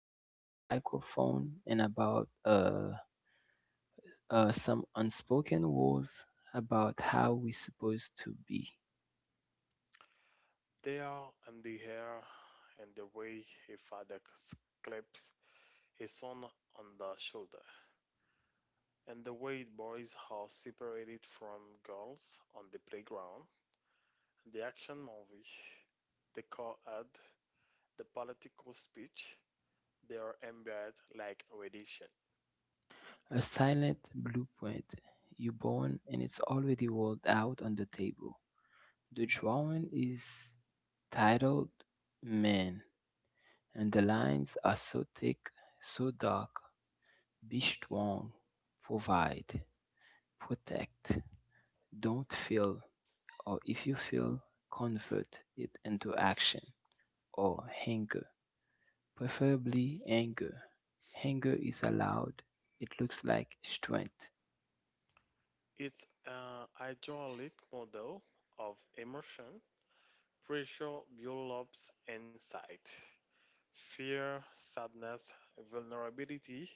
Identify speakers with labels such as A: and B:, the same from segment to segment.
A: guys, a microphone, and about some unspoken rules about how we're supposed to be.
B: They are in the hair and the way a claps his son on the shoulder, and the way boys are separated from girls on the playground, the action movie, the car ad, the political speech, they are embedded like radiation.
A: A silent blueprint. You're born and it's already rolled out on the table. The drawing is titled Man, and the lines are so thick, so dark. Be strong, provide, protect, don't feel, or if you feel, convert it into action or anger, preferably anger. Anger is allowed, it looks like strength.
B: It's an hydraulic model of emotion, pressure, build-ups, and sight. Fear, sadness, vulnerability,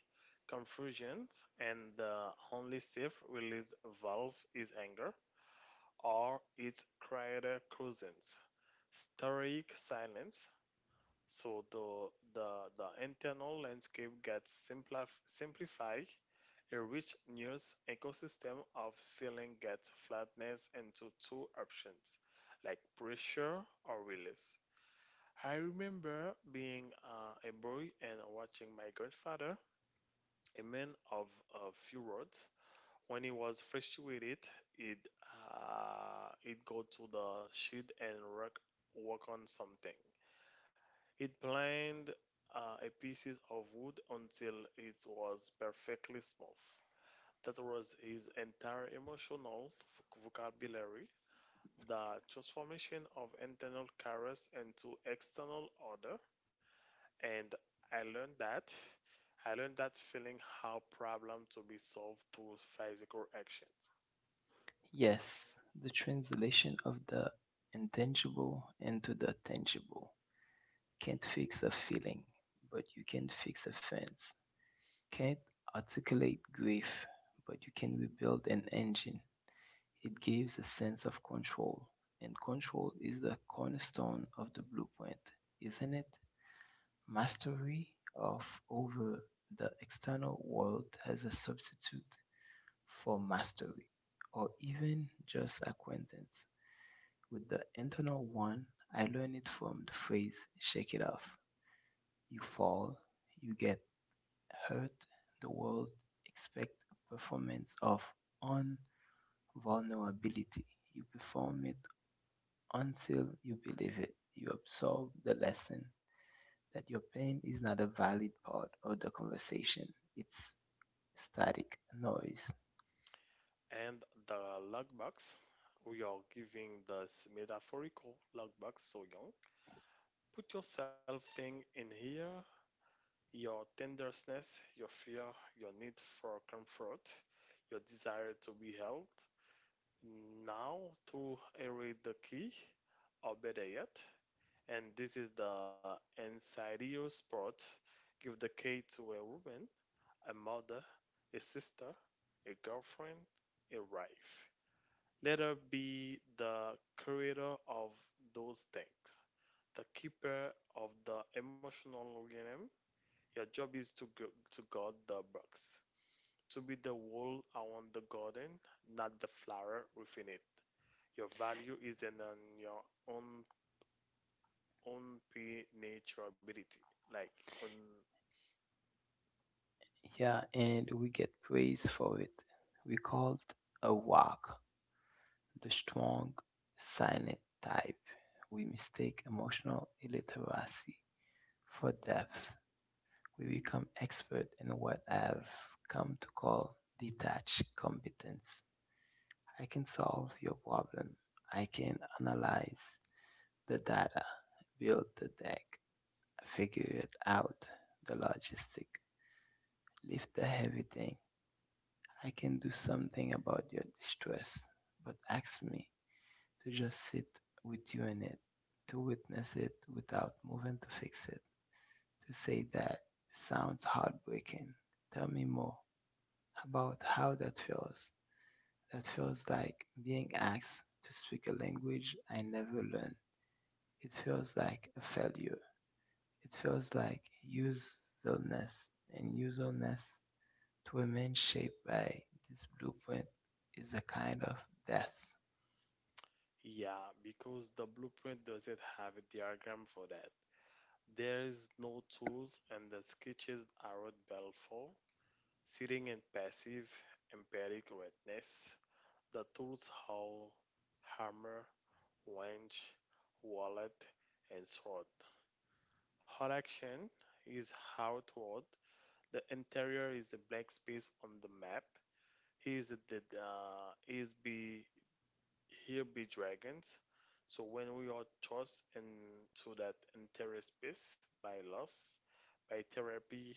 B: confusion, and the only safe release valve is anger or its quieter cousins, stoic silence. So the, the, the internal landscape gets simplified a rich news ecosystem of feeling gets flatness into two options, like pressure or release. I remember being a boy and watching my grandfather, a man of a few words. When he was frustrated, he'd, he'd go to the shed and work, work on something. He'd planned a pieces of wood until it was perfectly smooth. That was his entire emotional vocabulary. The transformation of internal chaos into external order, and I learned that. I learned that feeling how problem to be solved through physical actions.
A: Yes, the translation of the intangible into the tangible. Can't fix a feeling, but you can fix a fence. Can't articulate grief, but you can rebuild an engine. It gives a sense of control, and control is the cornerstone of the blueprint, isn't it? Mastery of over the external world as a substitute for mastery, or even just acquaintance with the internal one. I learned it from the phrase shake it off. You fall, you get hurt, the world expects a performance of unvulnerability. You perform it until you believe it, you absorb the lesson that your pain is not a valid part of the conversation. It's static noise.
B: And the lockbox, we are giving this metaphorical lockbox so young. Put yourself thing in here, your tenderness, your fear, your need for comfort, your desire to be held. Now to erase the key, or better yet, and this is the Ensario sport. Give the key to a woman, a mother, a sister, a girlfriend, a wife. Let her be the creator of those things, the keeper of the emotional realm. Your job is to guard the box, to be the wall around the garden, not the flower within it. Your value isn't on your own on prenaturability, like on.
A: Yeah, and we get praise for it. We
B: Mhm.
A: called a walk the strong, silent type. We mistake emotional illiteracy for depth. We become expert in what I've come to call detached competence. I can solve your problem. I can analyze the data, build the deck, figure it out, the logistic, lift the heavy thing. I can do something about your distress, but ask me to just sit with you in it, to witness it without moving to fix it. To say that sounds heartbreaking. Tell me more about how that feels. That feels like being asked to speak a language I never learned. It feels like a failure. It feels like usefulness and usefulness to a man shaped by this blueprint is a kind of death.
B: Yeah, because the blueprint doesn't have a diagram for that. There is no tools, and the sketches are what Bell for. Sitting in passive, empiric witness. The tools how hammer, wrench, wallet, and sword. Hot action is outward. The interior is a blank space on the map. He is the is be here be dragons. So when we are thrust into that interior space by loss, by therapy,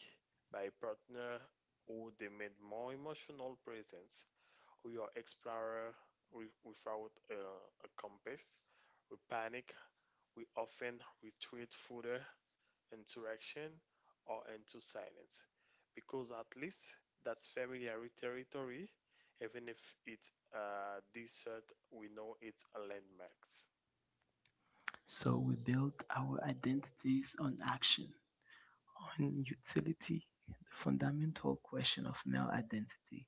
B: by partner who demand more emotional presence, we are explorer without a compass. We panic. We often retreat further interaction, or into silence. Because at least that's familiar territory, even if it's desert, we know it's a landmarks.
A: So we build our identities on action. On utility, the fundamental question of male identity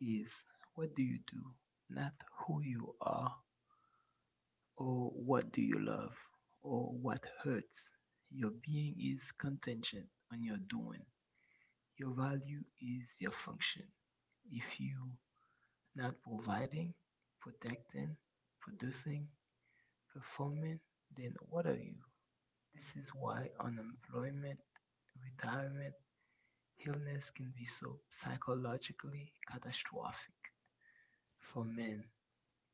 A: is, what do you do? Not who you are, or what do you love, or what hurts. Your being is contingent on your doing. Your value is your function. If you not providing, protecting, producing, performing, then what are you? This is why unemployment, retirement, illness can be so psychologically catastrophic. For men,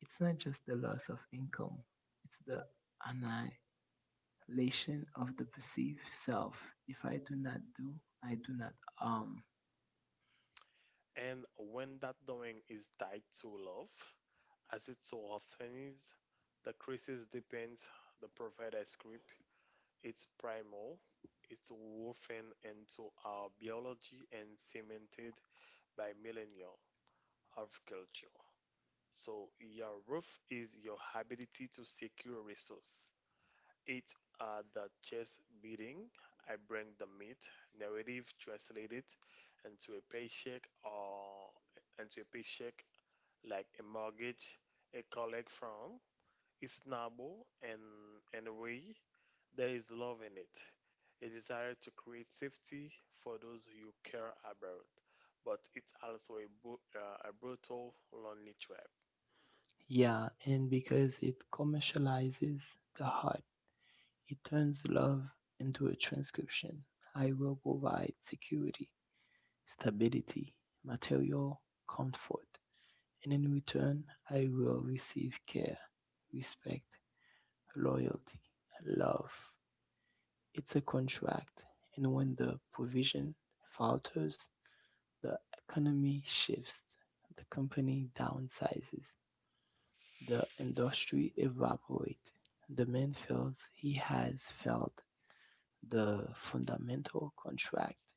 A: it's not just the loss of income, it's the annihilation of the perceived self. If I do not do, I do not harm.
B: And when that domain is tied to love, as it so often is, the crisis depends the provider script. It's primal, it's woven into our biology and cemented by millennia of culture. So your roof is your ability to secure resource. It are the chest beating. I bring the meat narrative, translate it into a paycheck or into a paycheck like a mortgage, a collect from. It's noble and a way there is love in it. A desire to create safety for those you care about, but it's also a brutal, lonely trap.
A: Yeah, and because it commercializes the heart, it turns love into a transcription. I will provide security, stability, material comfort, and in return, I will receive care, respect, loyalty, love. It's a contract, and when the provision falters, the economy shifts, the company downsizes, the industry evaporate. The man feels he has failed the fundamental contract.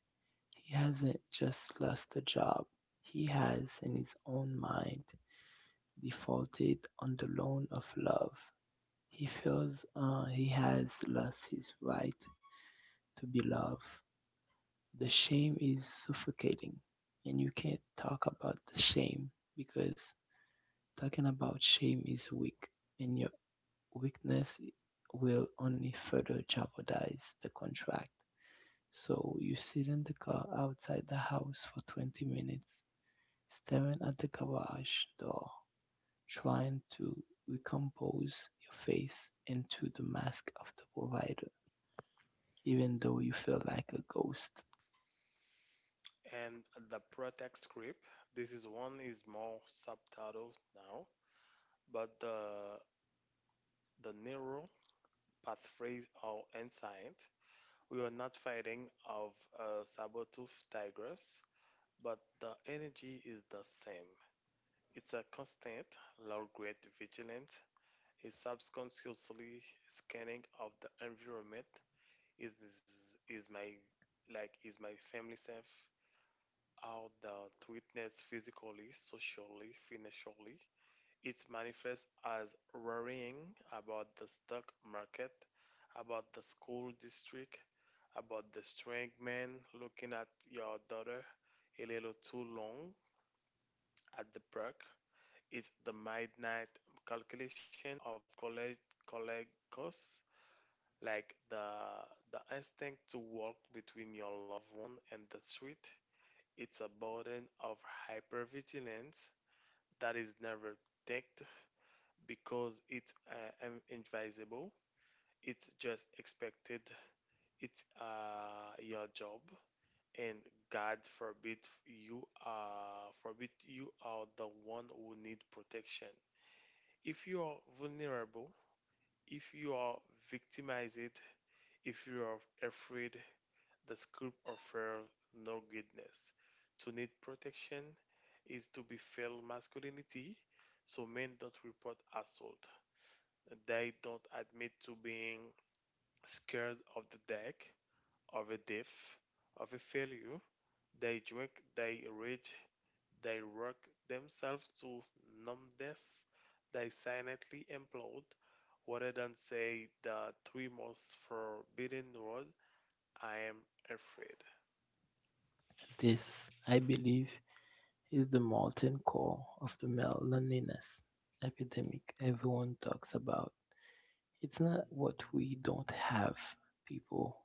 A: He hasn't just lost a job. He has, in his own mind, defaulted on the loan of love. He feels he has lost his right to be loved. The shame is suffocating, and you can't talk about the shame because talking about shame is weak, and weakness will only further jeopardize the contract. So you sit in the car outside the house for 20 minutes, staring at the garage door, trying to recompose your face into the mask of the provider, even though you feel like a ghost.
B: And the protect script, this is one is more subtitled now, but the narrow path phrase or ensign, we are not fighting of saber-tooth tigers, but the energy is the same. It's a constant low-grade vigilance, a subconsciously scanning of the environment. Is is is my like is my family safe? Out the witness physically, socially, financially. It manifests as worrying about the stock market, about the school district, about the strange man looking at your daughter a little too long at the park. It's the midnight calculation of college colleague costs, like the instinct to walk between your loved one and the street. It's a burden of hypervigilance that is never ticked because it's invisible. It's just expected. It's your job, and God forbid you are the one who need protection. If you are vulnerable, if you are victimized, if you are afraid, the script offers no goodness. To need protection is to be failed masculinity, so men don't report assault. They don't admit to being scared of the deck, of a diff, of a failure. They drink, they rage, they work themselves to numbness. They silently implode rather than say the three most forbidden words: I am afraid.
A: This, I believe, is the molten core of the male loneliness epidemic everyone talks about. It's not what we don't have, people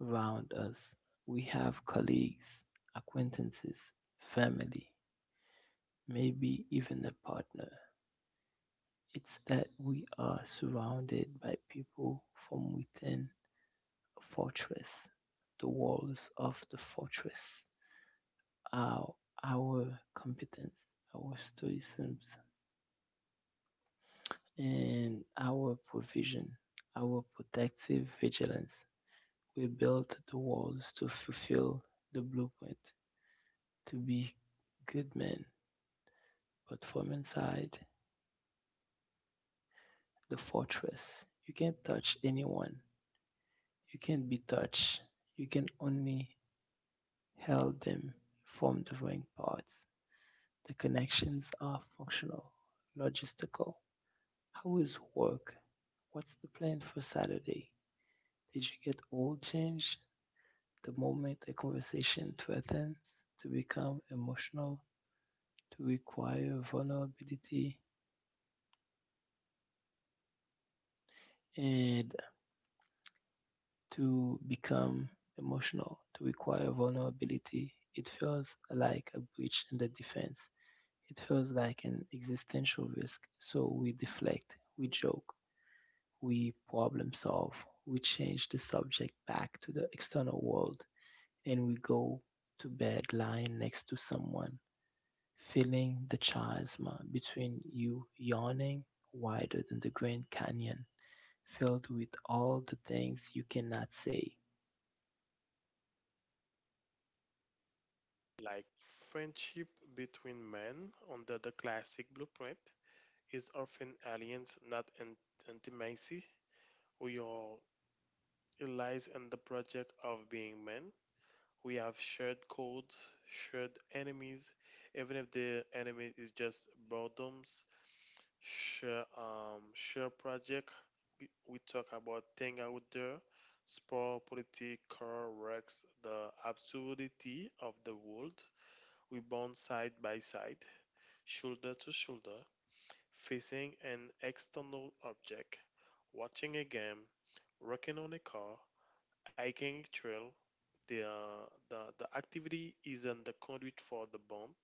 A: round us. We have colleagues, acquaintances, family, maybe even a partner. It's that we are surrounded by people from within a fortress. The walls of the fortress are our competence, our stoicism, and our provision, our protective vigilance. We built the walls to fulfill the blueprint, to be good men, but from inside the fortress, you can't touch anyone. You can't be touched. You can only help them from the ring parts. The connections are functional, logistical. How is work? What's the plan for Saturday? Did you get all change the moment a conversation threatens to become emotional, to require vulnerability and to become emotional, to require vulnerability. It feels like a breach in the defense. It feels like an existential risk. So we deflect, we joke, we problem solve, we change the subject back to the external world, and we go to bed lying next to someone, feeling the chiasma between you yawning wider than the Grand Canyon, filled with all the things you cannot say
B: Like friendship between men under the classic blueprint is often aliens, not intimacy. We are It lies in the project of being men. We have shared codes, shared enemies, even if the enemy is just boredoms. Share project. We talk about thing out there, sport, political wrecks, the absurdity of the world. We bond side by side, shoulder to shoulder, facing an external object, watching a game, working on a car, hiking a trail. The activity isn't the conduit for the bond,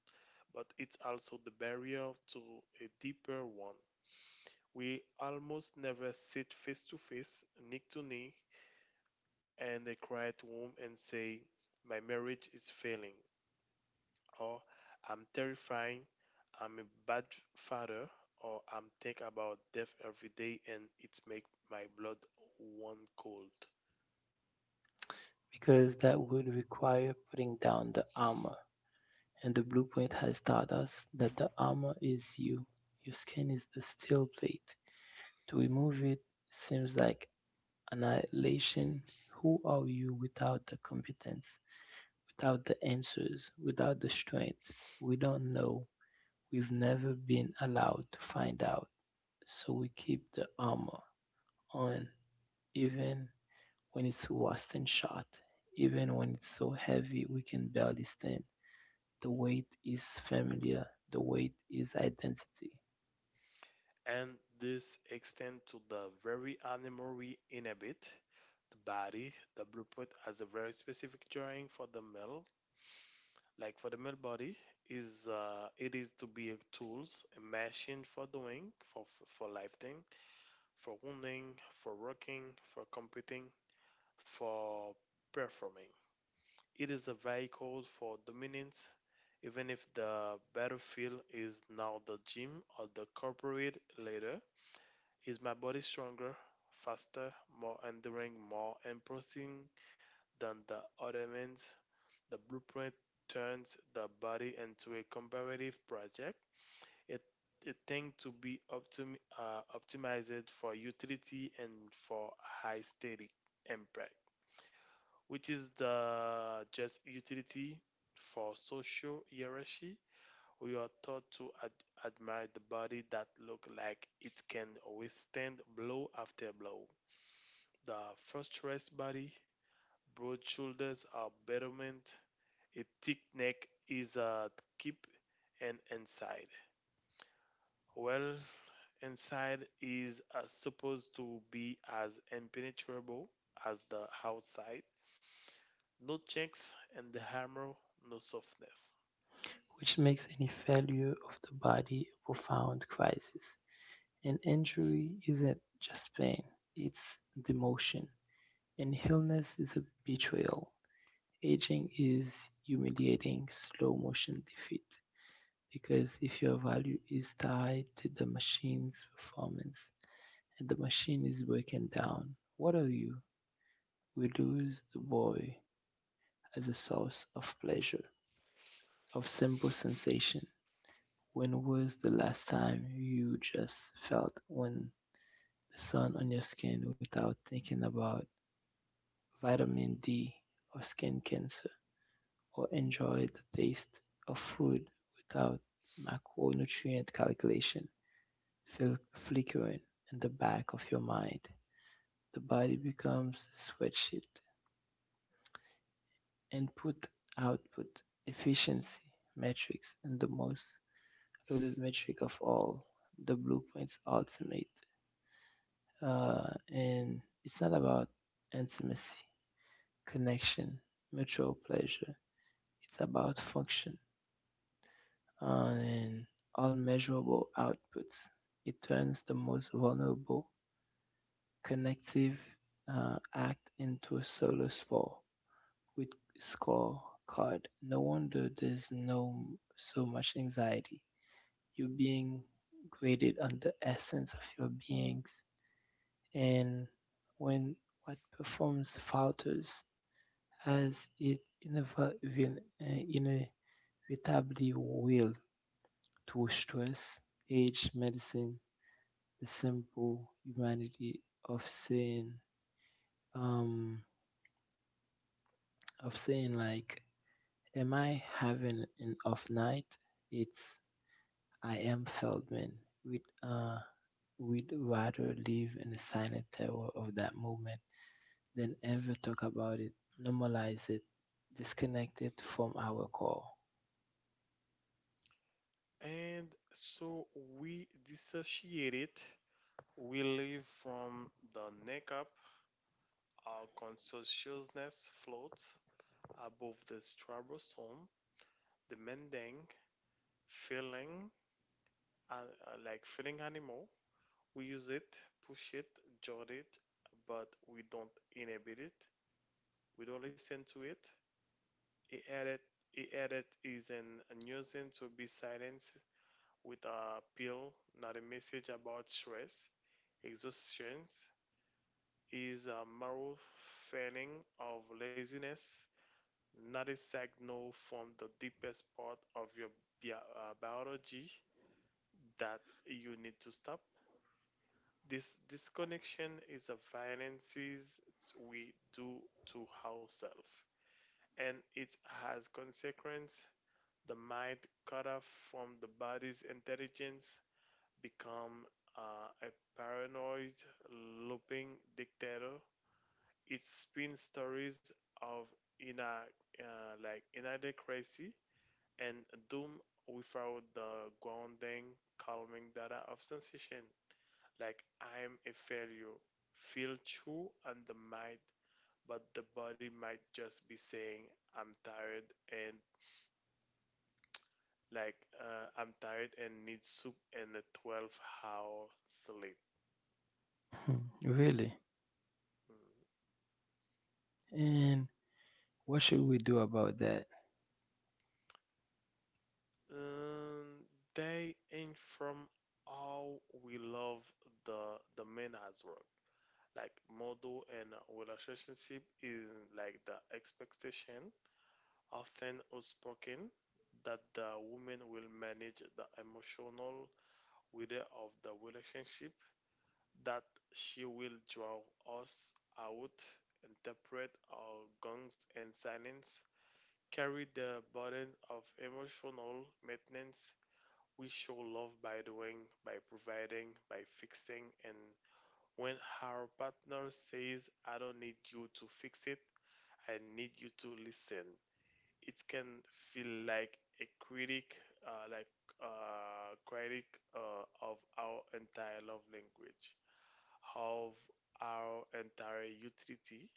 B: but it's also the barrier to a deeper one. We almost never sit face to face, knee to knee, in a quiet room and say, my marriage is failing, or I'm terrifying, I'm a bad father, or I'm think about death every day and it make my blood one cold.
A: because that would require putting down the armor, and the blueprint has taught us that the armor is you. Your skin is the steel plate. To remove it seems like annihilation. Who are you without the competence, without the answers, without the strength? We don't know. We've never been allowed to find out, so we keep the armor on, even when it's washed and shot. Even when it's so heavy, we can barely stand. The weight is familiar, the weight is identity,
B: And this extends to the very animal we inhabit, the body. The blueprint has a very specific drawing for the male, like for the male body, is it is to be a tools, a machine for doing, for lifting, for wounding, for working, for competing, for performing. It is a vehicle for dominance. Even if the battlefield is now the gym or the corporate ladder, is my body stronger, faster, more enduring, more imposing than the ornaments? The blueprint turns the body into a comparative project. It it tends to be optimized for utility and for high static impact, which is the just utility for social hierarchy. We are taught to admire the body that look like it can withstand blow after blow. The first frustrous body, broad shoulders are betterment, a thick neck is a keep, and inside. Well, inside is supposed to be as impenetrable as the outside. No chinks in the armor, no softness.
A: which makes any failure of the body a profound crisis. An injury isn't just pain, it's demotion. An illness is a betrayal. Aging is humiliating, slow motion defeat. Because if your value is tied to the machine's performance and the machine is broken down, what are you? We lose the boy as a source of pleasure, of simple sensation. When was the last time you just felt when the sun on your skin without thinking about vitamin D or skin cancer, or enjoyed the taste of food without macronutrient calculation? Feel flickering in the back of your mind. The body becomes a spreadsheet, input, output, efficiency, metrics, and the most loaded metric of all, the blueprint's ultimate. And it's not about intimacy, connection, mutual pleasure. It's about function and all measurable outputs. It turns the most vulnerable connective act into a solo spore with score card. No wonder there's no so much anxiety. You're being graded on the essence of your beings, and when what performs falters, as it inevit- inevitably will to stress, age, medicine, the simple humanity of saying, um, like, am I having an off night? It's I am Feldman. We'd, uh, we'd rather live in the silent terror of that moment than ever talk about it, normalize it, disconnect it from our core.
B: And so we dissociate it. We live from the neck up. Our consciousness floats above the stratosphere demanding feeling, uh, like feeling animal. We use it, push it, judge it, but we don't inhibit it. We don't listen to it. It added, it added is an unusing to be silenced with a pill, not a message about stress. Exhaustion is a moral failing of laziness, not a signal from the deepest part of your biology that you need to stop. This disconnection is a violences we do to ourselves, and it has consequence. The mind cut off from the body's intelligence become a paranoid looping dictator. It spins stories of ina inadequacy and doom without the grounding calming data of sensation. Like I am a failure. Feel true on the mind, but the body might just be saying I'm tired and I'm tired and need soup and a 12-hour sleep.
A: Hmm, really?
B: Mm.
A: And what should we do about that?
B: Um, they ain't from how we love the men as well. Like model and relationship is like the expectation often unspoken, that the woman will manage the emotional weather of the relationship, that she will draw us out, interpret our gongs and silence, carry the burden of emotional maintenance. We show love by doing, by providing, by fixing, and when our partner says, I don't need you to fix it, I need you to listen, it can feel like a critic, uh, like critic of our entire love language, of our entire utility.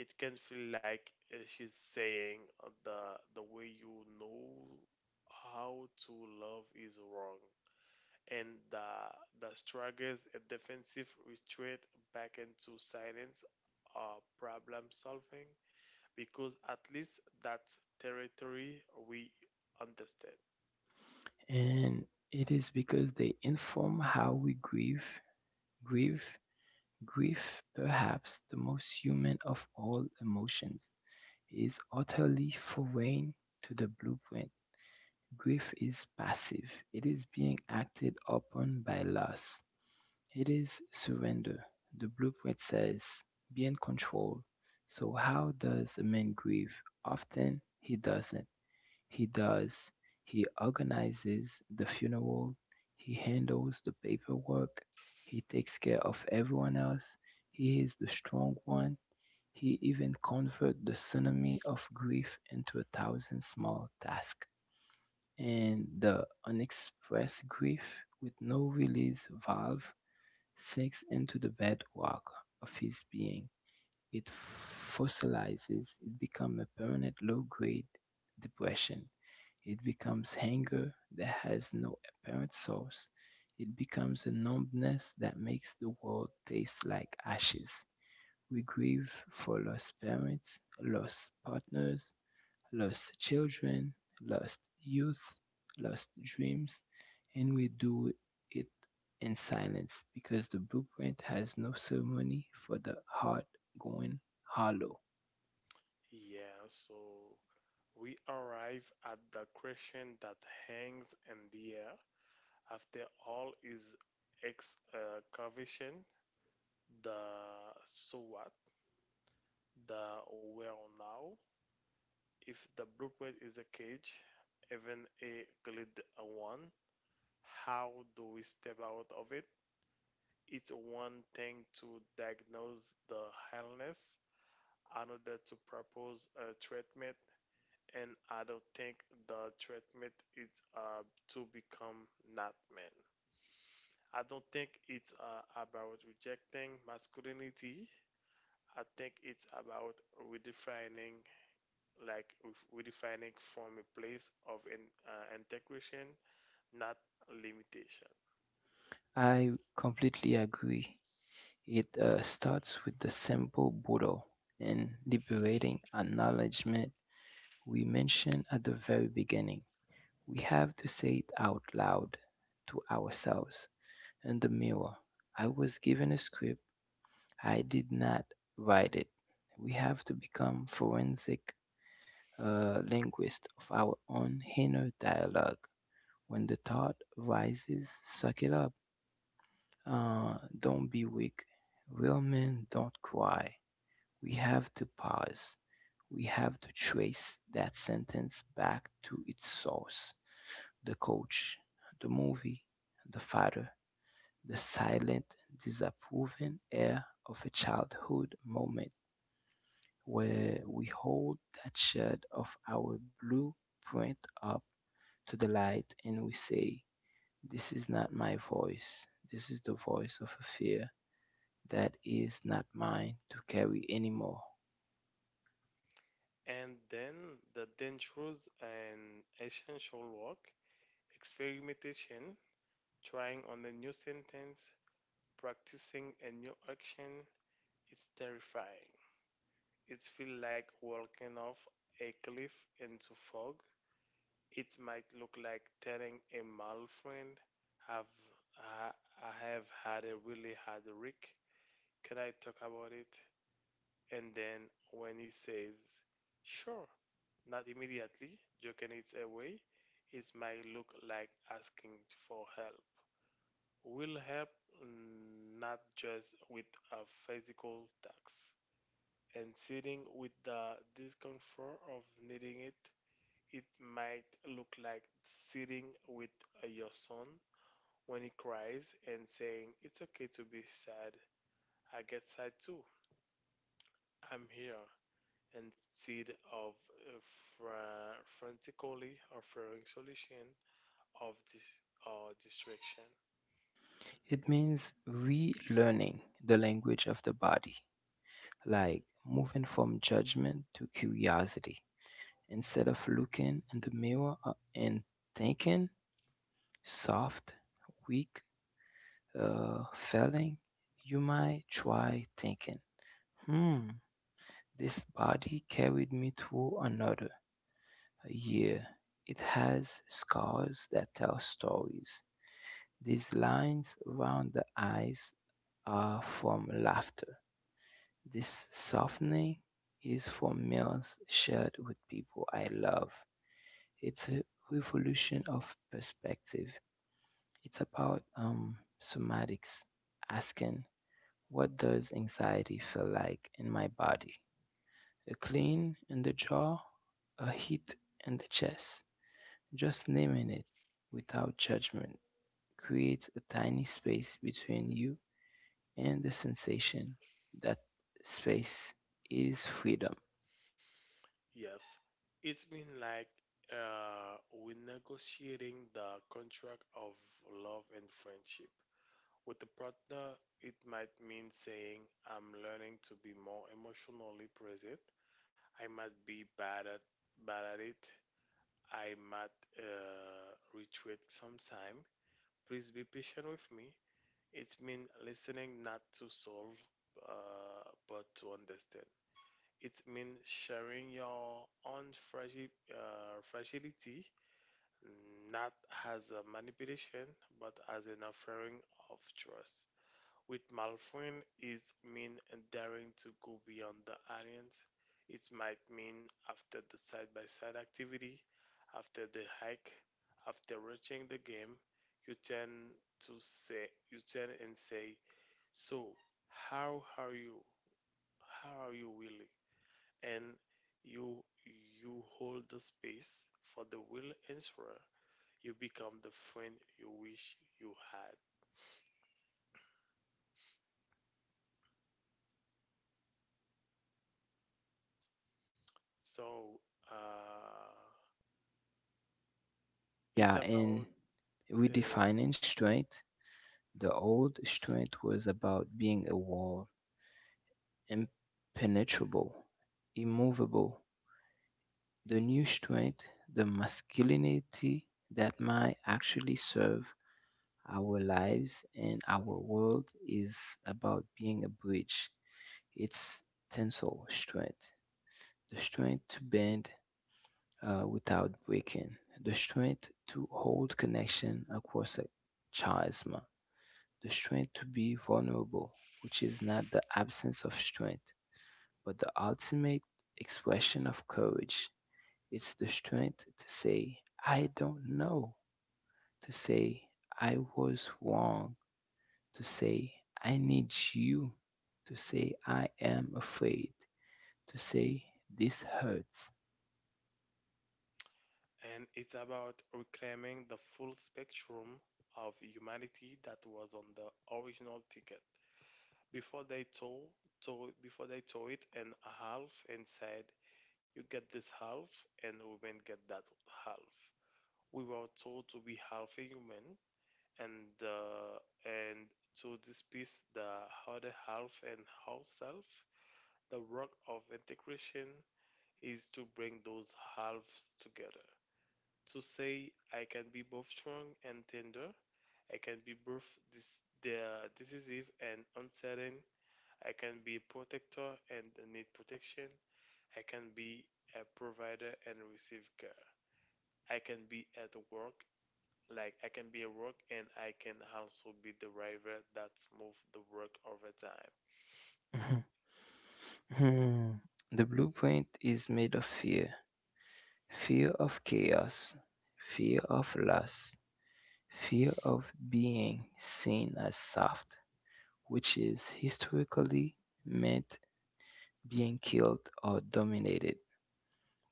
B: It can feel like she's saying the way you know how to love is wrong, and the struggles a defensive retreat back into silence or problem solving because at least that territory we understand.
A: And it is because they inform how we grieve. grieve Grief, perhaps the most human of all emotions, is utterly foreign to the blueprint. Grief is passive, it is being acted upon by loss, it is surrender. The blueprint says, be in control. So, how does a man grieve? Often he doesn't. He does. He organizes the funeral. He handles the paperwork. He takes care of everyone else. He is the strong one. He even converts the tsunami of grief into a thousand small tasks. And the unexpressed grief, with no release valve, sinks into the bedrock of his being. It fossilizes, it becomes a permanent low-grade depression. It becomes hunger that has no apparent source. It becomes a numbness that makes the world taste like ashes. We grieve for lost parents, lost partners, lost children, lost youth, lost dreams, and we do it in silence because the blueprint has no ceremony for the heart going hollow.
B: Yeah, so we arrive at the question that hangs in the air. After all is excavation, the so what, the where now. If the blueprint is a cage, even a glued one, how do we step out of it? It's one thing to diagnose the illness, another to propose a treatment, and I don't think the treatment is uh, to become not man. I don't think it's about rejecting masculinity. I think it's about redefining, like redefining from a place of integration, not limitation.
A: I completely agree. It starts with the simple Buddha and liberating acknowledgement we mentioned at the very beginning. We have to say it out loud to ourselves in the mirror. I was given a script, I did not write it. We have to become forensic linguists of our own inner dialogue. When the thought rises, suck it up. Don't be weak. Real men don't cry. We have to pause. We have to trace that sentence back to its source, the coach, the movie, the father, the silent, disapproving air of a childhood moment. Where we hold that shard of our blueprint up to the light and we say, this is not my voice. This is the voice of a fear that is not mine to carry anymore.
B: And then the dangerous and essential work, experimentation, trying on a new sentence, practicing a new action is terrifying. It feels like walking off a cliff into fog. It might look like telling a male friend, "Have I, I have had a really hard week. Can I talk about it?" And then when he says, "Sure," not immediately, joking it away, it might look like asking for help. Will help, not just with a physical tax and sitting with the discomfort of needing it. It might look like sitting with your son when he cries and saying, it's okay to be sad, I get sad too, I'm here, instead of uh, frantically offering solution of this or distraction.
A: It means relearning the language of the body, like moving from judgment to curiosity. Instead of looking in the mirror and thinking, soft, weak, failing, you might try thinking, hmm, this body carried me through another year. It has scars that tell stories. These lines around the eyes are from laughter. This softening is from meals shared with people I love. It's a revolution of perspective. It's about somatics, asking, what does anxiety feel like in my body? A clean in the jaw, a hit in the chest. Just naming it without judgment creates a tiny space between you and the sensation. That space is freedom.
B: Yes, it's been like we're negotiating the contract of love and friendship. With a partner, it might mean saying, I'm learning to be more emotionally present. I might be bad at it. I might retreat sometime. Please be patient with me. It's mean listening not to solve, but to understand. It means sharing your own fragility, not as a manipulation, but as an offering of trust. With Malfrin, it means daring to go beyond the alliance. It might mean after the side-by-side activity, after the hike, after reaching the game, you turn you turn and say, so, how are you? How are you really? And you you hold the space for the real answer. You become the friend you wish you had. So uh,
A: Yeah,
B: it's
A: and
B: about uh,
A: redefining strength. The old strength was about being a wall, impenetrable, immovable, the new strength, the masculinity that might actually serve our lives and our world is about being a bridge. It's tensile strength, the strength to bend without breaking, the strength to hold connection across a chasm, the strength to be vulnerable, which is not the absence of strength, but the ultimate expression of courage. It's the strength to say, I don't know, to say, I was wrong, to say, I need you, to say, I am afraid, to say, this hurts.
B: and it's about reclaiming the full spectrum of humanity that was on the original ticket before they tore it in half and said, "You get this half, and women get that half." We were told to be half a human, and uh, and to this piece the other half and whole self, the work of integration is to bring those halves together, to say I can be both strong and tender, I can be both this the decisive and uncertain, I can be a protector and need protection, I can be a provider and receive care, I can be at work like I can be a rock, and I can also be the driver that move the work over time.
A: The blueprint is made of fear, fear of chaos, fear of loss, fear of being seen as soft, which is historically meant being killed or dominated.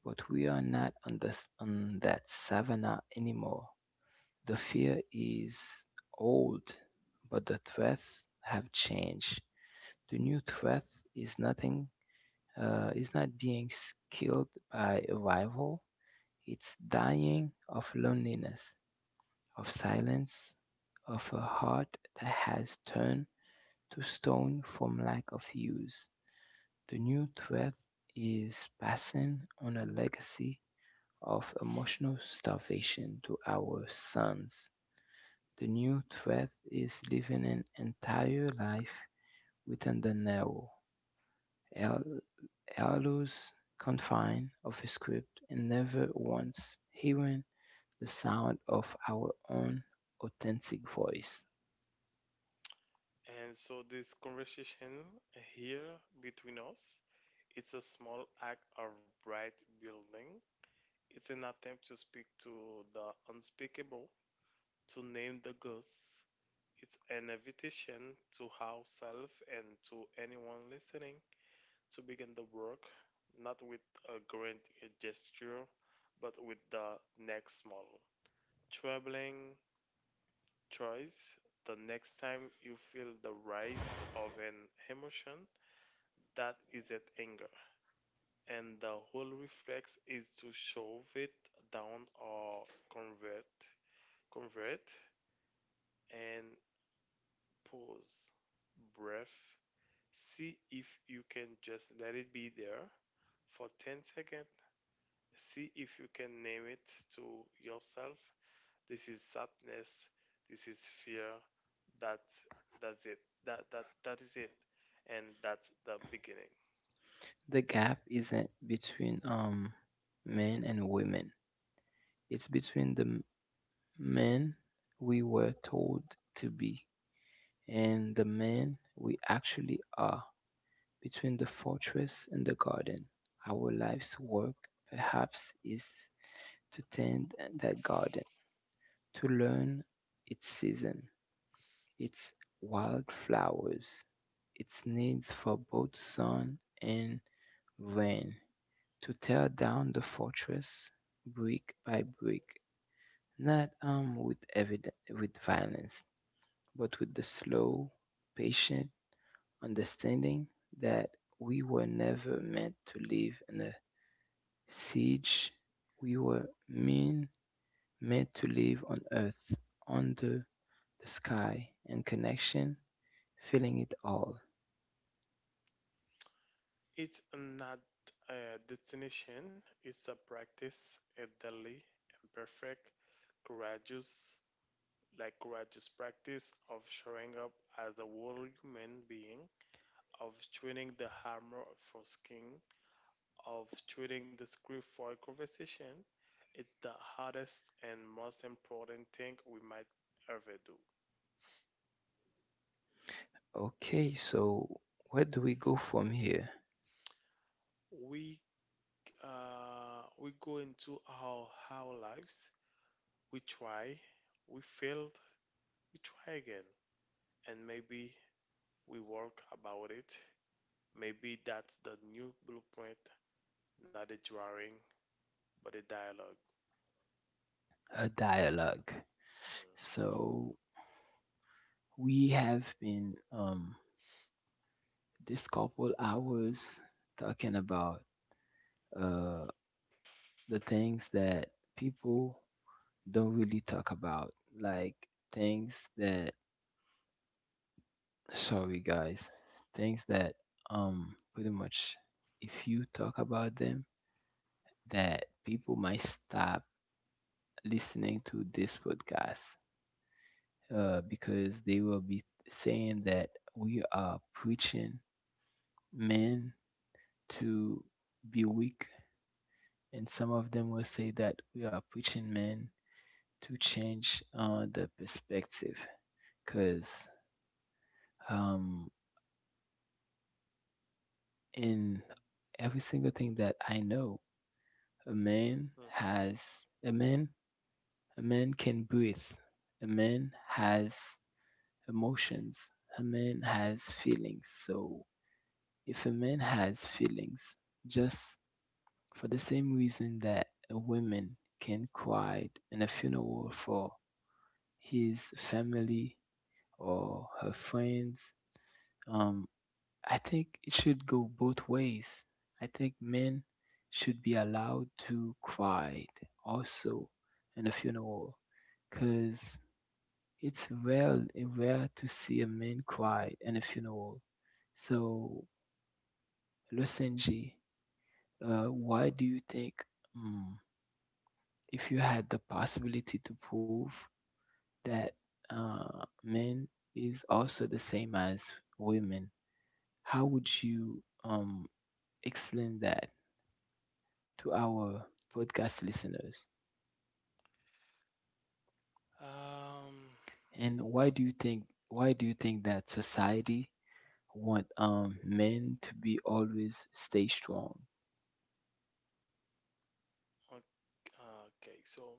A: But we are not on that savannah anymore. The fear is old, but the threats have changed. The new threat is nothing, is not being killed by a rival. It's dying of loneliness, of silence, of a heart that has turned to stone from lack of use. The new threat is passing on a legacy of emotional starvation to our sons. The new threat is living an entire life within the narrow, al- allows confine of a script and never once hearing the sound of our own authentic voice.
B: And so this conversation here between us, it's a small act of bright building. It's an attempt to speak to the unspeakable, to name the ghosts. It's an invitation to ourselves and to anyone listening to begin the work, not with a grand gesture, but with the next small, troubling choice. The next time you feel the rise of an emotion that isn't anger, and the whole reflex is to shove it down or convert, convert and pause, breath. See if you can just let it be there for 10 seconds. See if you can name it to yourself, this is sadness, this is fear, that that's it, that is it, and that's the beginning.
A: The gap isn't between men and women. It's between the men we were told to be and the men we actually are. Between the fortress and the garden, our life's work perhaps is to tend that garden, to learn its season, its wild flowers, its needs for both sun and rain, to tear down the fortress brick by brick, not armed with violence, but with the slow, patient understanding that we were never meant to live in a siege, we were men made to live on earth, under the sky, and connection, feeling it all.
B: It's not a destination, it's a practice, a daily and perfect courageous, like courageous practice of showing up as a whole human being, of twinning the armor for skin, of choosing the script for a conversation, is the hardest and most important thing we might ever do.
A: Okay, so where do we go from here?
B: We we go into our lives. We try, we failed, we try again, and maybe we work about it. Maybe that's the new blueprint, not a drawing, but a dialog.
A: A dialogue.
B: Mhm,
A: So we have been this couple hours talking about uh the things that people don't really talk about, like things that, sorry guys, things that pretty much if you talk about them that people might stop listening to this podcast, because they will be saying that we are preaching men to be weak, and some of them will say that we are preaching men to change the perspective because, um, in every single thing that I know. A man
B: mhm.
A: has a man, a man can breathe. A man has emotions. A man has feelings. So if a man has feelings, just for the same reason that a woman can cry in a funeral for his family or her friends, um, I think it should go both ways. I think men should be allowed to cry also in a funeral because it's rare, rare to see a man cry in a funeral. So, Lusenji, why do you think, mm, if you had the possibility to prove that men is also the same as women, how would you explain that to our podcast listeners?
B: Um,
A: And
B: the,
A: why do you think, why do you think that society want men to be always stay strong?
B: okay, okay, so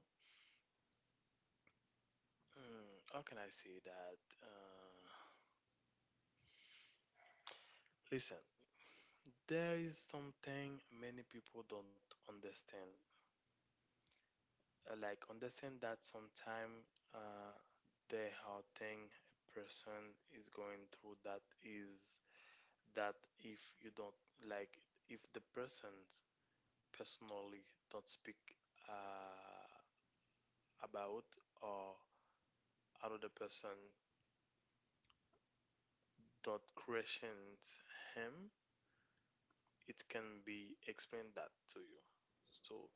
B: mm, how can I say that? Uh, Listen, there is something many people don't understand. Like understand that sometime uh, the how thing a person is going through, that is that if you don't like if the person personally don't speak uh, about, or another person don't question him, it can be explained that to you. So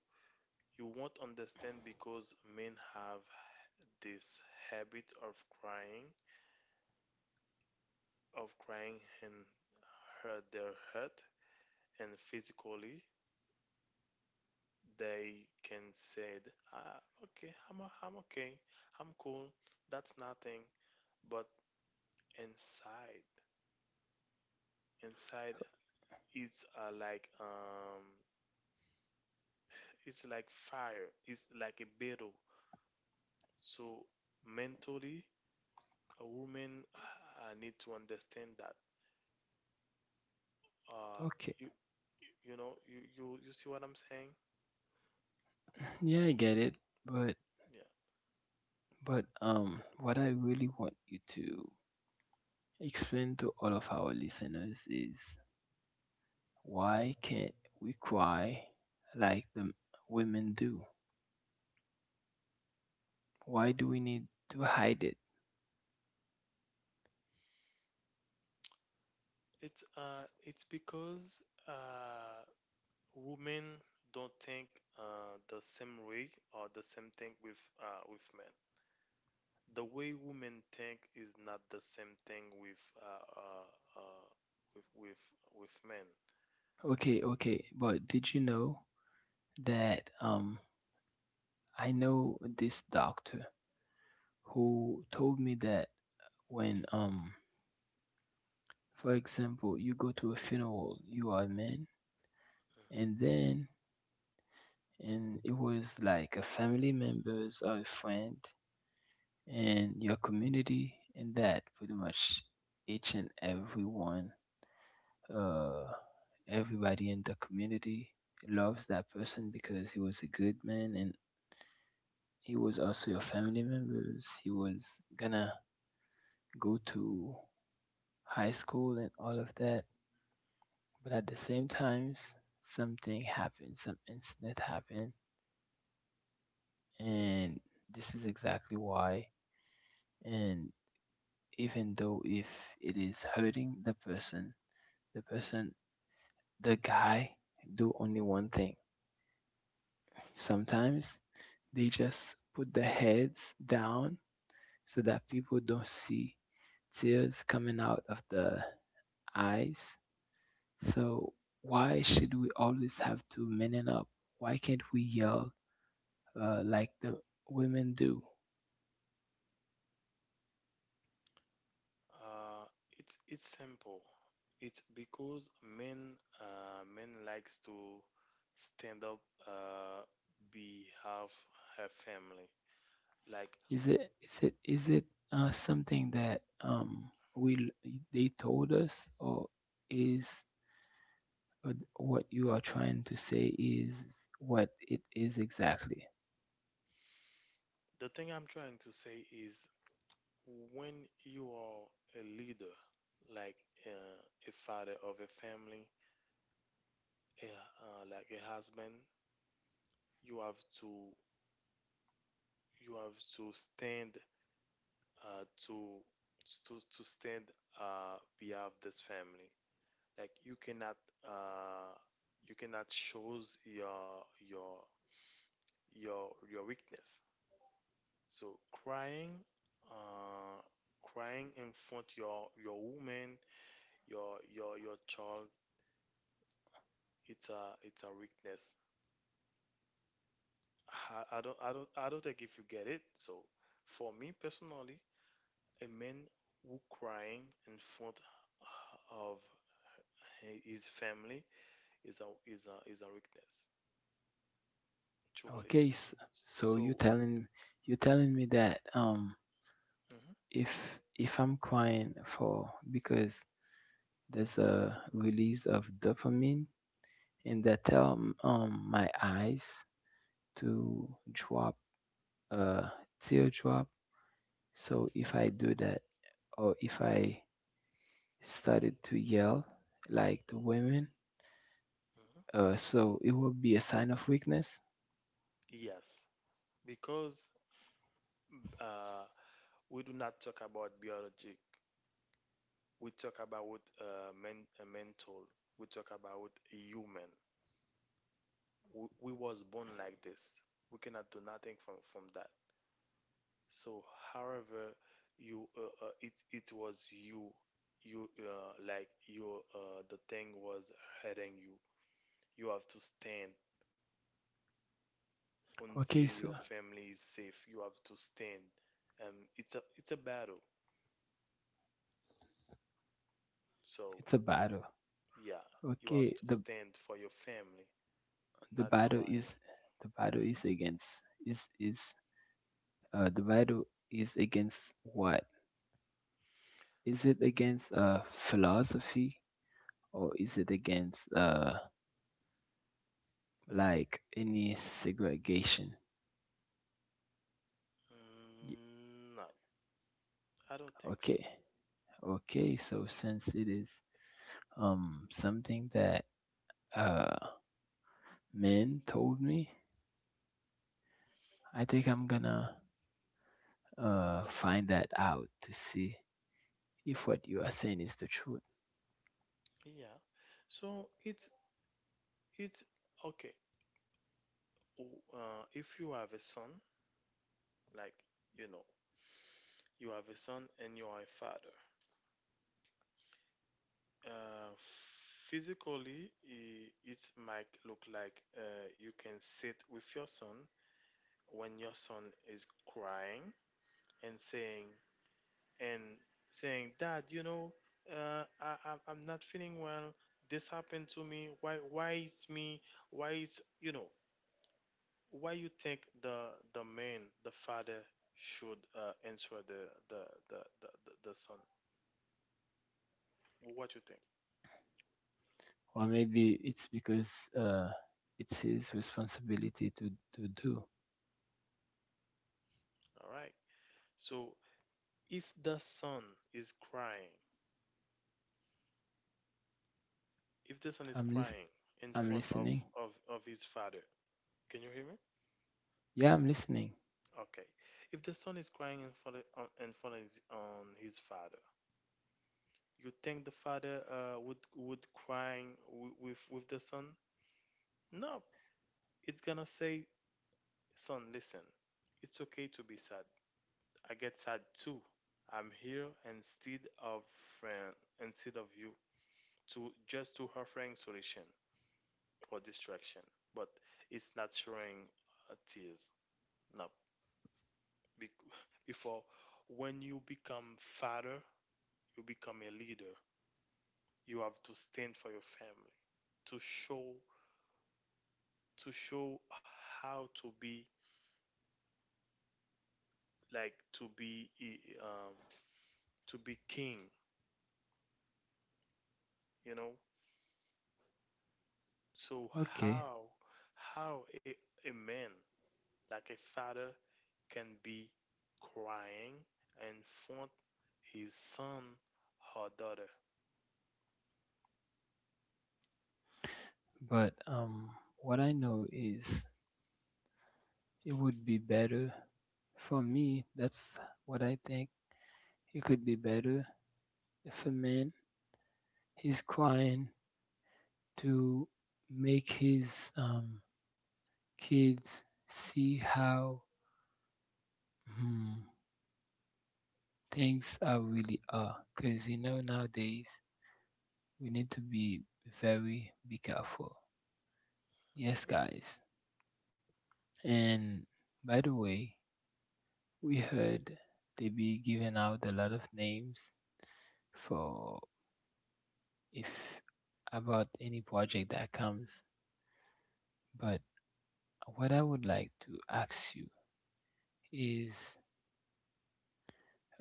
B: you won't understand, because men have this habit crying, of crying and hurt their hurt, and physically they can say, ah, okay, I'm okay, I'm cool, that's nothing. But inside, inside, it's it's like fire, it's like a battle. So mentally, a woman need to understand that uh
A: Okay.
B: you you know you see what I'm saying?
A: Yeah, I get it, but
B: Yeah.
A: what I really want you to explain to all of our listeners is, why can't we cry like the women do? Why do we need to hide it?
B: It's because uh women don't think the same way or the same thing with men. The way women think is not the same thing with uh with with with men.
A: Okay, okay, but did you know that, I know this doctor who told me that when, for example, you go to a funeral, you are a man, and then, and it was like a family members or a friend and your community, and that pretty much each and everyone, uh everybody in the community loves that person because he was a good man, and he was also your family members, he was gonna go to high school and all of that, but at the same times something happened, some incident happened, and this is exactly why, and even though if it is hurting the person, the person, the guy do only one thing sometimes, they just put their heads down so that people don't see tears coming out of the eyes. So why should we always have to man it up? Why can't we yell like the women do?
B: Uh, it's simple. It's because men likes to stand up uh, behalf her family. Like,
A: Is it something that, we, they told us, or is, what you are trying to say is what it is exactly?
B: the thing I'm trying to say is, when you are a leader, like a father of a family, like a husband, you have to stand uh, to to stand behalf this family. Like uh, you cannot shows your weakness. So crying, uh, crying in front your woman, your child, it's a weakness. I don't think if you get it. So for me personally, a man who crying in front of his family is a is a is a weakness, truly.
A: Okay, so you
B: So
A: telling, you telling me that,
B: mhm,
A: if I'm crying for because there's a release of dopamine and that tell my eyes to drop a teardrop. So if I do that, or if I started to yell like the women,
B: mhm.
A: so it would be a sign of weakness.
B: Yes, because uh, we do not talk about biologic. We talk about men, mental. We talk about human. We was born like this. We cannot do nothing from that. So, however, you it it was you, you like your the thing was hurting you. You have to stand
A: Okay,
B: until
A: so
B: your family is safe. You have to stand. It's a it's a battle. So.
A: it's a battle.
B: Yeah, you have
A: Okay,
B: to
A: the
B: stand for your family,
A: the
B: not
A: battle is,
B: crying.
A: the battle
B: Mhm.
A: is against, is the battle is against what? Is it against philosophy or is it against like any segregation? Y-
B: Mm, no, I don't think so.
A: Okay. Okay, so since it is something that uh men told me, I think I'm gonna find that out to see if what you are saying is the truth.
B: Yeah. So it's okay. If you have a son, like, you know, you have a son and you are a father. Uh, Physically, I it might look like you can sit with your son when your son is crying and and saying, "Dad, you know, I'm not feeling well. This happened to me. Why? Why is me? Why is you know? Why you think the the father should answer the the son? What you think?
A: Or maybe it's because it's his responsibility to do.
B: All right. So if the son is crying, if the son is
A: I'm lis-
B: crying in
A: I'm
B: front of
A: listening.
B: his father, can you hear me?
A: Yeah, I'm listening.
B: Okay. If the son is crying in front of, in front of his, on his father, you think the father would crying with the son? No, it's gonna say, son, listen, it's okay to be sad. I get sad too. I'm here, instead of friend, instead of you, to just to offering solution or distraction. But it's not showing tears. No. Bec- Before when you become father, you become a leader. You have to stand for your family, to show, to show how to be like to be to be king, you know. So
A: Okay.
B: how how a man, like a father, can be crying in front his son or daughter.
A: But what I know is, it would be better for me, that's what I think. It could be better if a man is trying to make his kids see how, hmm, things are really are, because you know nowadays we need to be very be careful, yes
B: Mhm.
A: guys, and by the way, we heard they be giving out a lot of names for, if about any project that comes, but what I would like to ask you is,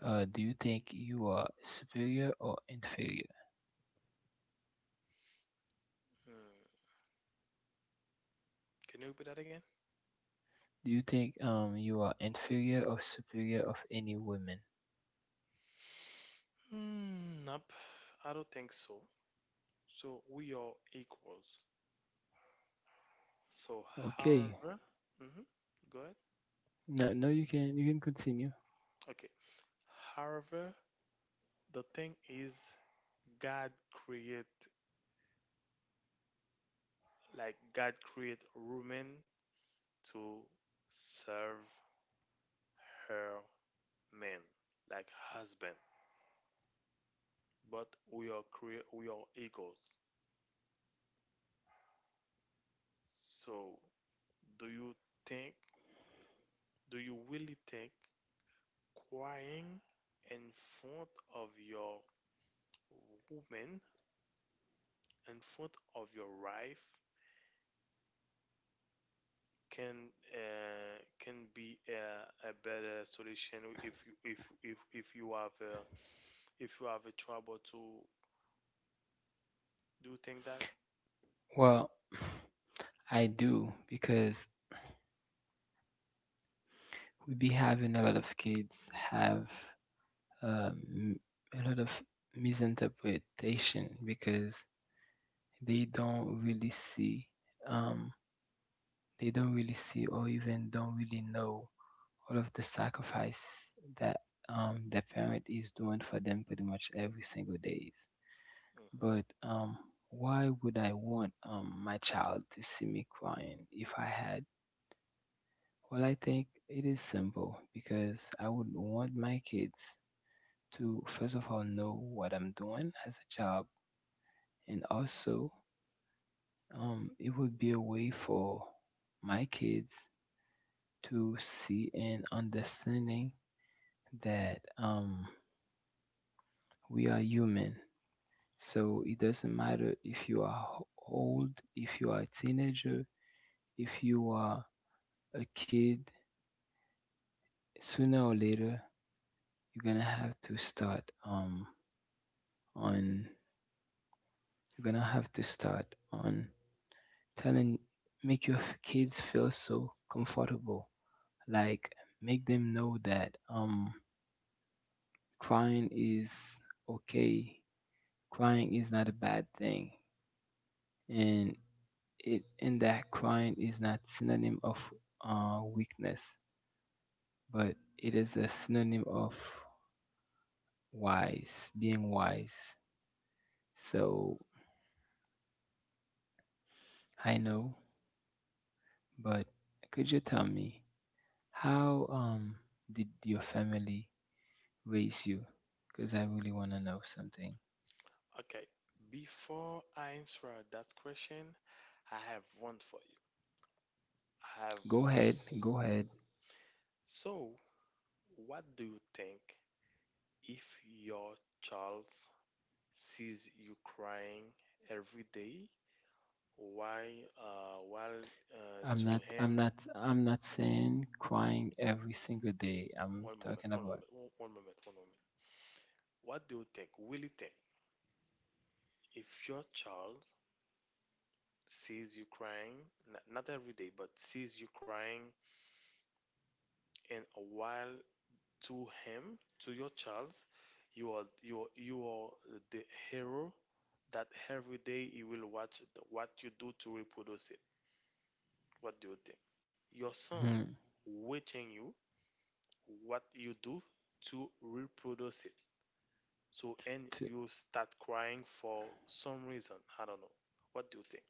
A: Do you think you are superior or inferior?
B: Hmm. Can you repeat that again?
A: Do you think you are inferior or superior of any woman?
B: Hmm, nope, I don't think so. So we are equals. So,
A: Okay.
B: however, hmm, go ahead.
A: No, no, you can, you can continue.
B: Okay. However, the thing is, god create, like god create woman to serve her men like husband, but we are create, we are equals. So do you think, do you really think crying in front of your woman, in front of your wife, can be a better solution, if you if if you have if you have a trouble to, do you think that
A: Well, I do because we be having a lot of kids have, um, a lot of misinterpretation because they don't really see, um they don't really see or even don't really know all of the sacrifice that, the parent is doing for them pretty much every single days. But
B: hmm
A: why would I want, my child to see me crying if I had? Well, I think it is simple because I would want my kids to first of all know what I'm doing as a job, and also, it would be a way for my kids to see and understanding that, we are human. So it doesn't matter if you are old, if you are a teenager, if you are a kid, sooner or later, you're going to have to start, on, you're going to have to start on telling, make your kids feel so comfortable. Like, make them know that, crying is okay, crying is not a bad thing. And it in that crying is not synonym of weakness, but it is a synonym of wise, being wise. So I know, but could you tell me how, did your family raise you? Because I really want to know something.
B: okay? Before I answer that question, I have one for you. I have
A: Go
B: one
A: ahead,
B: for you.
A: go ahead.
B: So what do you think if your child sees you crying every day, why while to him,
A: I'm not saying crying every single day. I'm talking about,
B: one moment. What do you think? Will it take, if your child sees you crying, not every day, but sees you crying and a while, to him, to your child, you are the hero that every day he will watch the, what you do to reproduce it. What do you think? Your son
A: hmm,
B: watching you, what you do to reproduce it. So, and
A: to,
B: you start crying for some reason. I don't know. What do you think?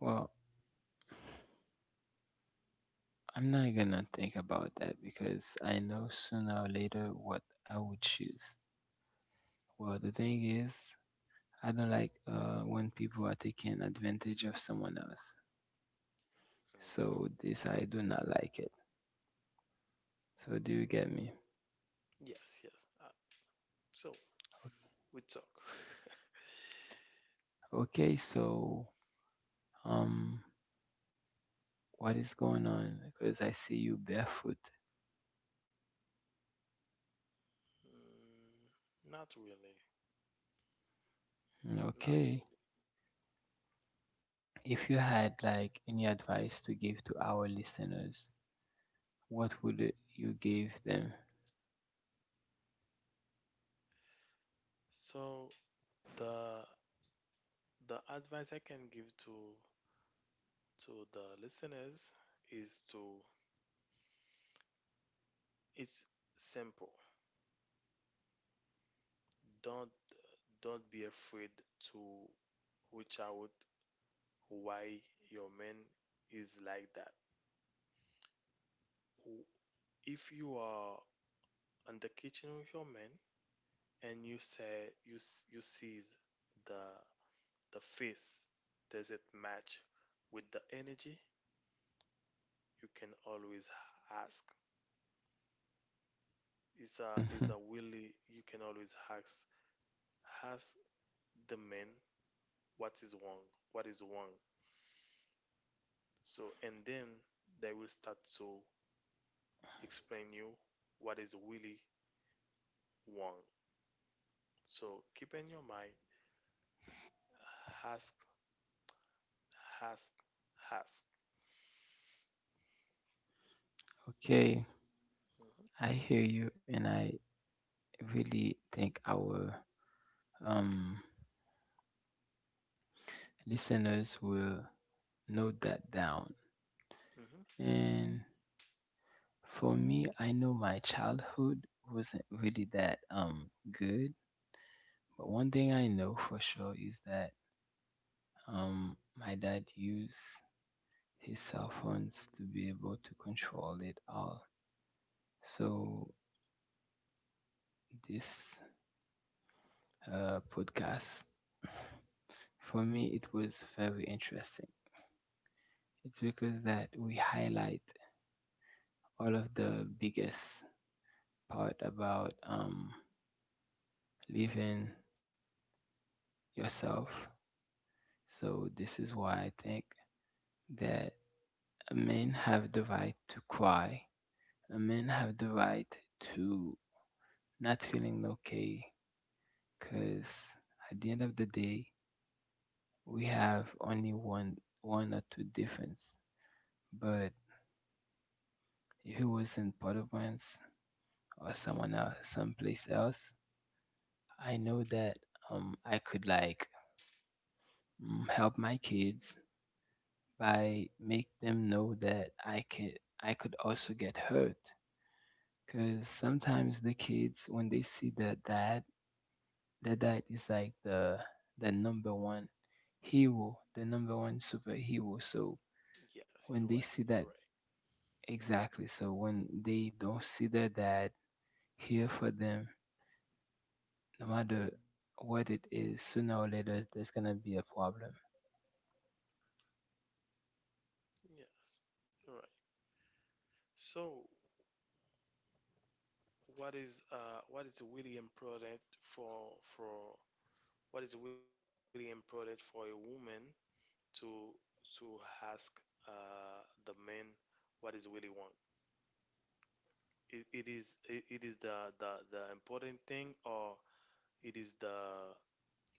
A: well, I'm not gonna think about that because I know sooner or later what I would choose. Well, the thing is, I don't like when people are taking advantage of someone else. So
B: Mhm.
A: this I do not like it. So do you get me?
B: Yes, yes. Uh, so we talk.
A: Okay, so, um, what is going on? Because I see you barefoot.
B: Mm, not really,
A: Mm, okay,
B: not really.
A: if you had like any advice to give to our listeners, what would you give them?
B: So the the advice I can give to the listeners is to, it's simple. Don't don't be afraid to reach out why your man is like that. W- If you are in the kitchen with your man, and you say you you sees the The face, does it match with the energy. You can always ask. It's a really you can always ask, ask the man what is wrong, what is wrong. So, and then they will start to explain you what is really wrong. So keep in your mind, ask, ask, ask.
A: Okay.
B: Hmm.
A: I hear you, and I really think our, um, listeners will note that down.
B: Hmm.
A: And for me, I know my childhood wasn't really that good, but one thing I know for sure is that, my dad used his cell phones to be able to control it all. So this podcast for me it was very interesting. It's because that we highlight all of the biggest part about, living yourself. So this is why I think that men have the right to cry. Men have the right to not feeling no okay, because at the end of the day, we have only one or two difference. But if it was in Providence or someone else, someplace else, I know that, I could like, help my kids by make them know that I can, I could also get hurt, because sometimes the kids when they see their dad, their dad is like the number one hero, the number one superhero. So
B: Yes,
A: when
B: you're
A: they
B: right.
A: see
B: You're
A: that,
B: right.
A: exactly, so when they don't see their dad here for them no matter what it is, sooner or later there's gonna be a problem.
B: Yes, you're right. So what is what is really important for for what is really important for a woman to to ask the man what is really want? It is the important thing, or it is the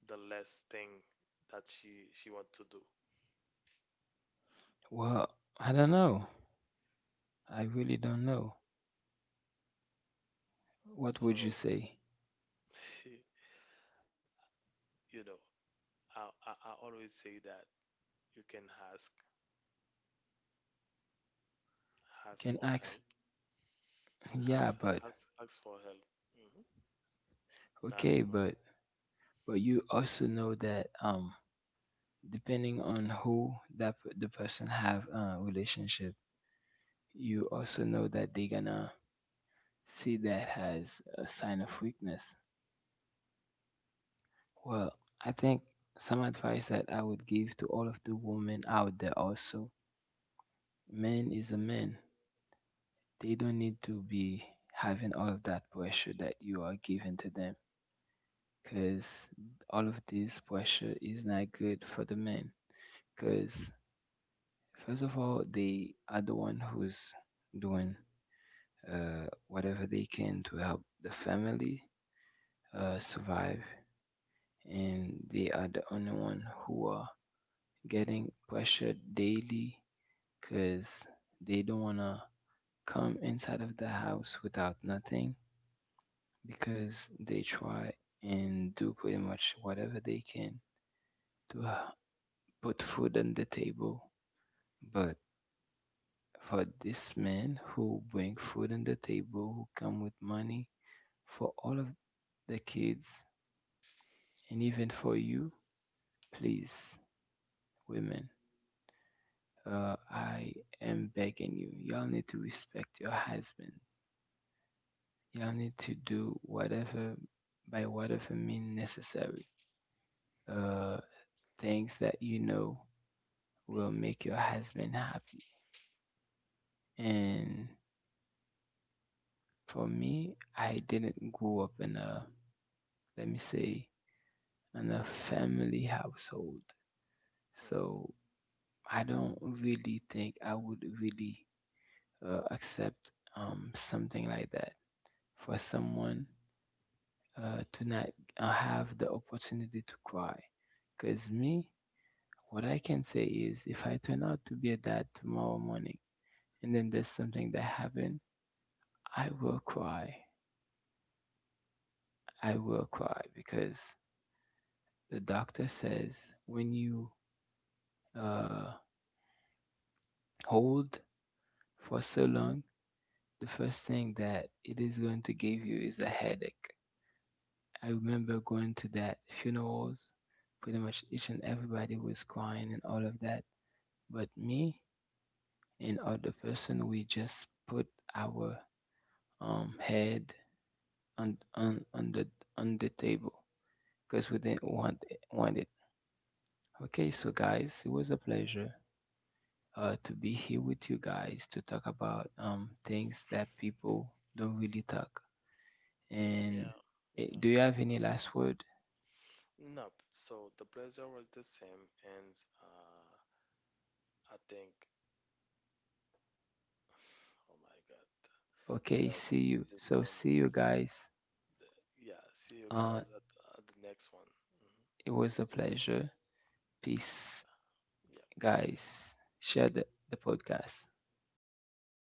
B: less thing that she want to do.
A: Well, I don't know, I really don't know, what would you
B: So
A: say?
B: you know, I always say that you can ask,
A: You
B: ask
A: can
B: for help,
A: ask, yeah,
B: ask
A: but
B: ask for help. Hmm.
A: okay,
B: Nothing more.
A: but you also know that depending on who, the person have a relationship, you also know that they gonna see that as a sign of weakness. Well, I think some advice that I would give to all of the women out there, also men, is a man, they don't need to be having all of that pressure that you are giving to them, because all of this pressure is not good for the men. Because first of all, they are the one who's doing, whatever they can to help the family, survive, and they are the only one who are getting pressured daily because they don't wanna come inside of the house without nothing because they try and do pretty much whatever they can to, put food on the table. But for this man who bring food on the table, who come with money for all of the kids and even for you, please, women, I am begging you. Y'all need to respect your husbands. Y'all need to do whatever by whatever means necessary. Uh, things that you know will make your husband happy. And for me, I didn't grow up in a, let me say, in a family household.
B: Mhm.
A: So I don't really think I would really accept, something like that, for someone, to not, have the opportunity to cry. Because me, what I can say is if I turn out to be a dad tomorrow morning and then there's something that happened, I will cry. I will cry because the doctor says when you, uh, hold for so long, the first thing that it is going to give you is a headache. I remember going to that funerals, pretty much each and everybody was crying and all of that. But me and other person, we just put our head on the on the table because we didn't want it, want it. Okay, so guys, it was a pleasure to be here with you guys to talk about things that people don't really talk.
B: Yeah,
A: And eh,
B: yeah.
A: do you have any last word?
B: No, so the pleasure was the same, and uh, I think, oh my God,
A: Okay, see
B: that's
A: you.
B: this
A: So,
B: one
A: see you
B: is
A: guys.
B: the yeah. See you
A: Uh,
B: guys at the next one. Hmm.
A: it was a pleasure. Peace,
B: Yeah,
A: guys. Share the podcast.
B: thank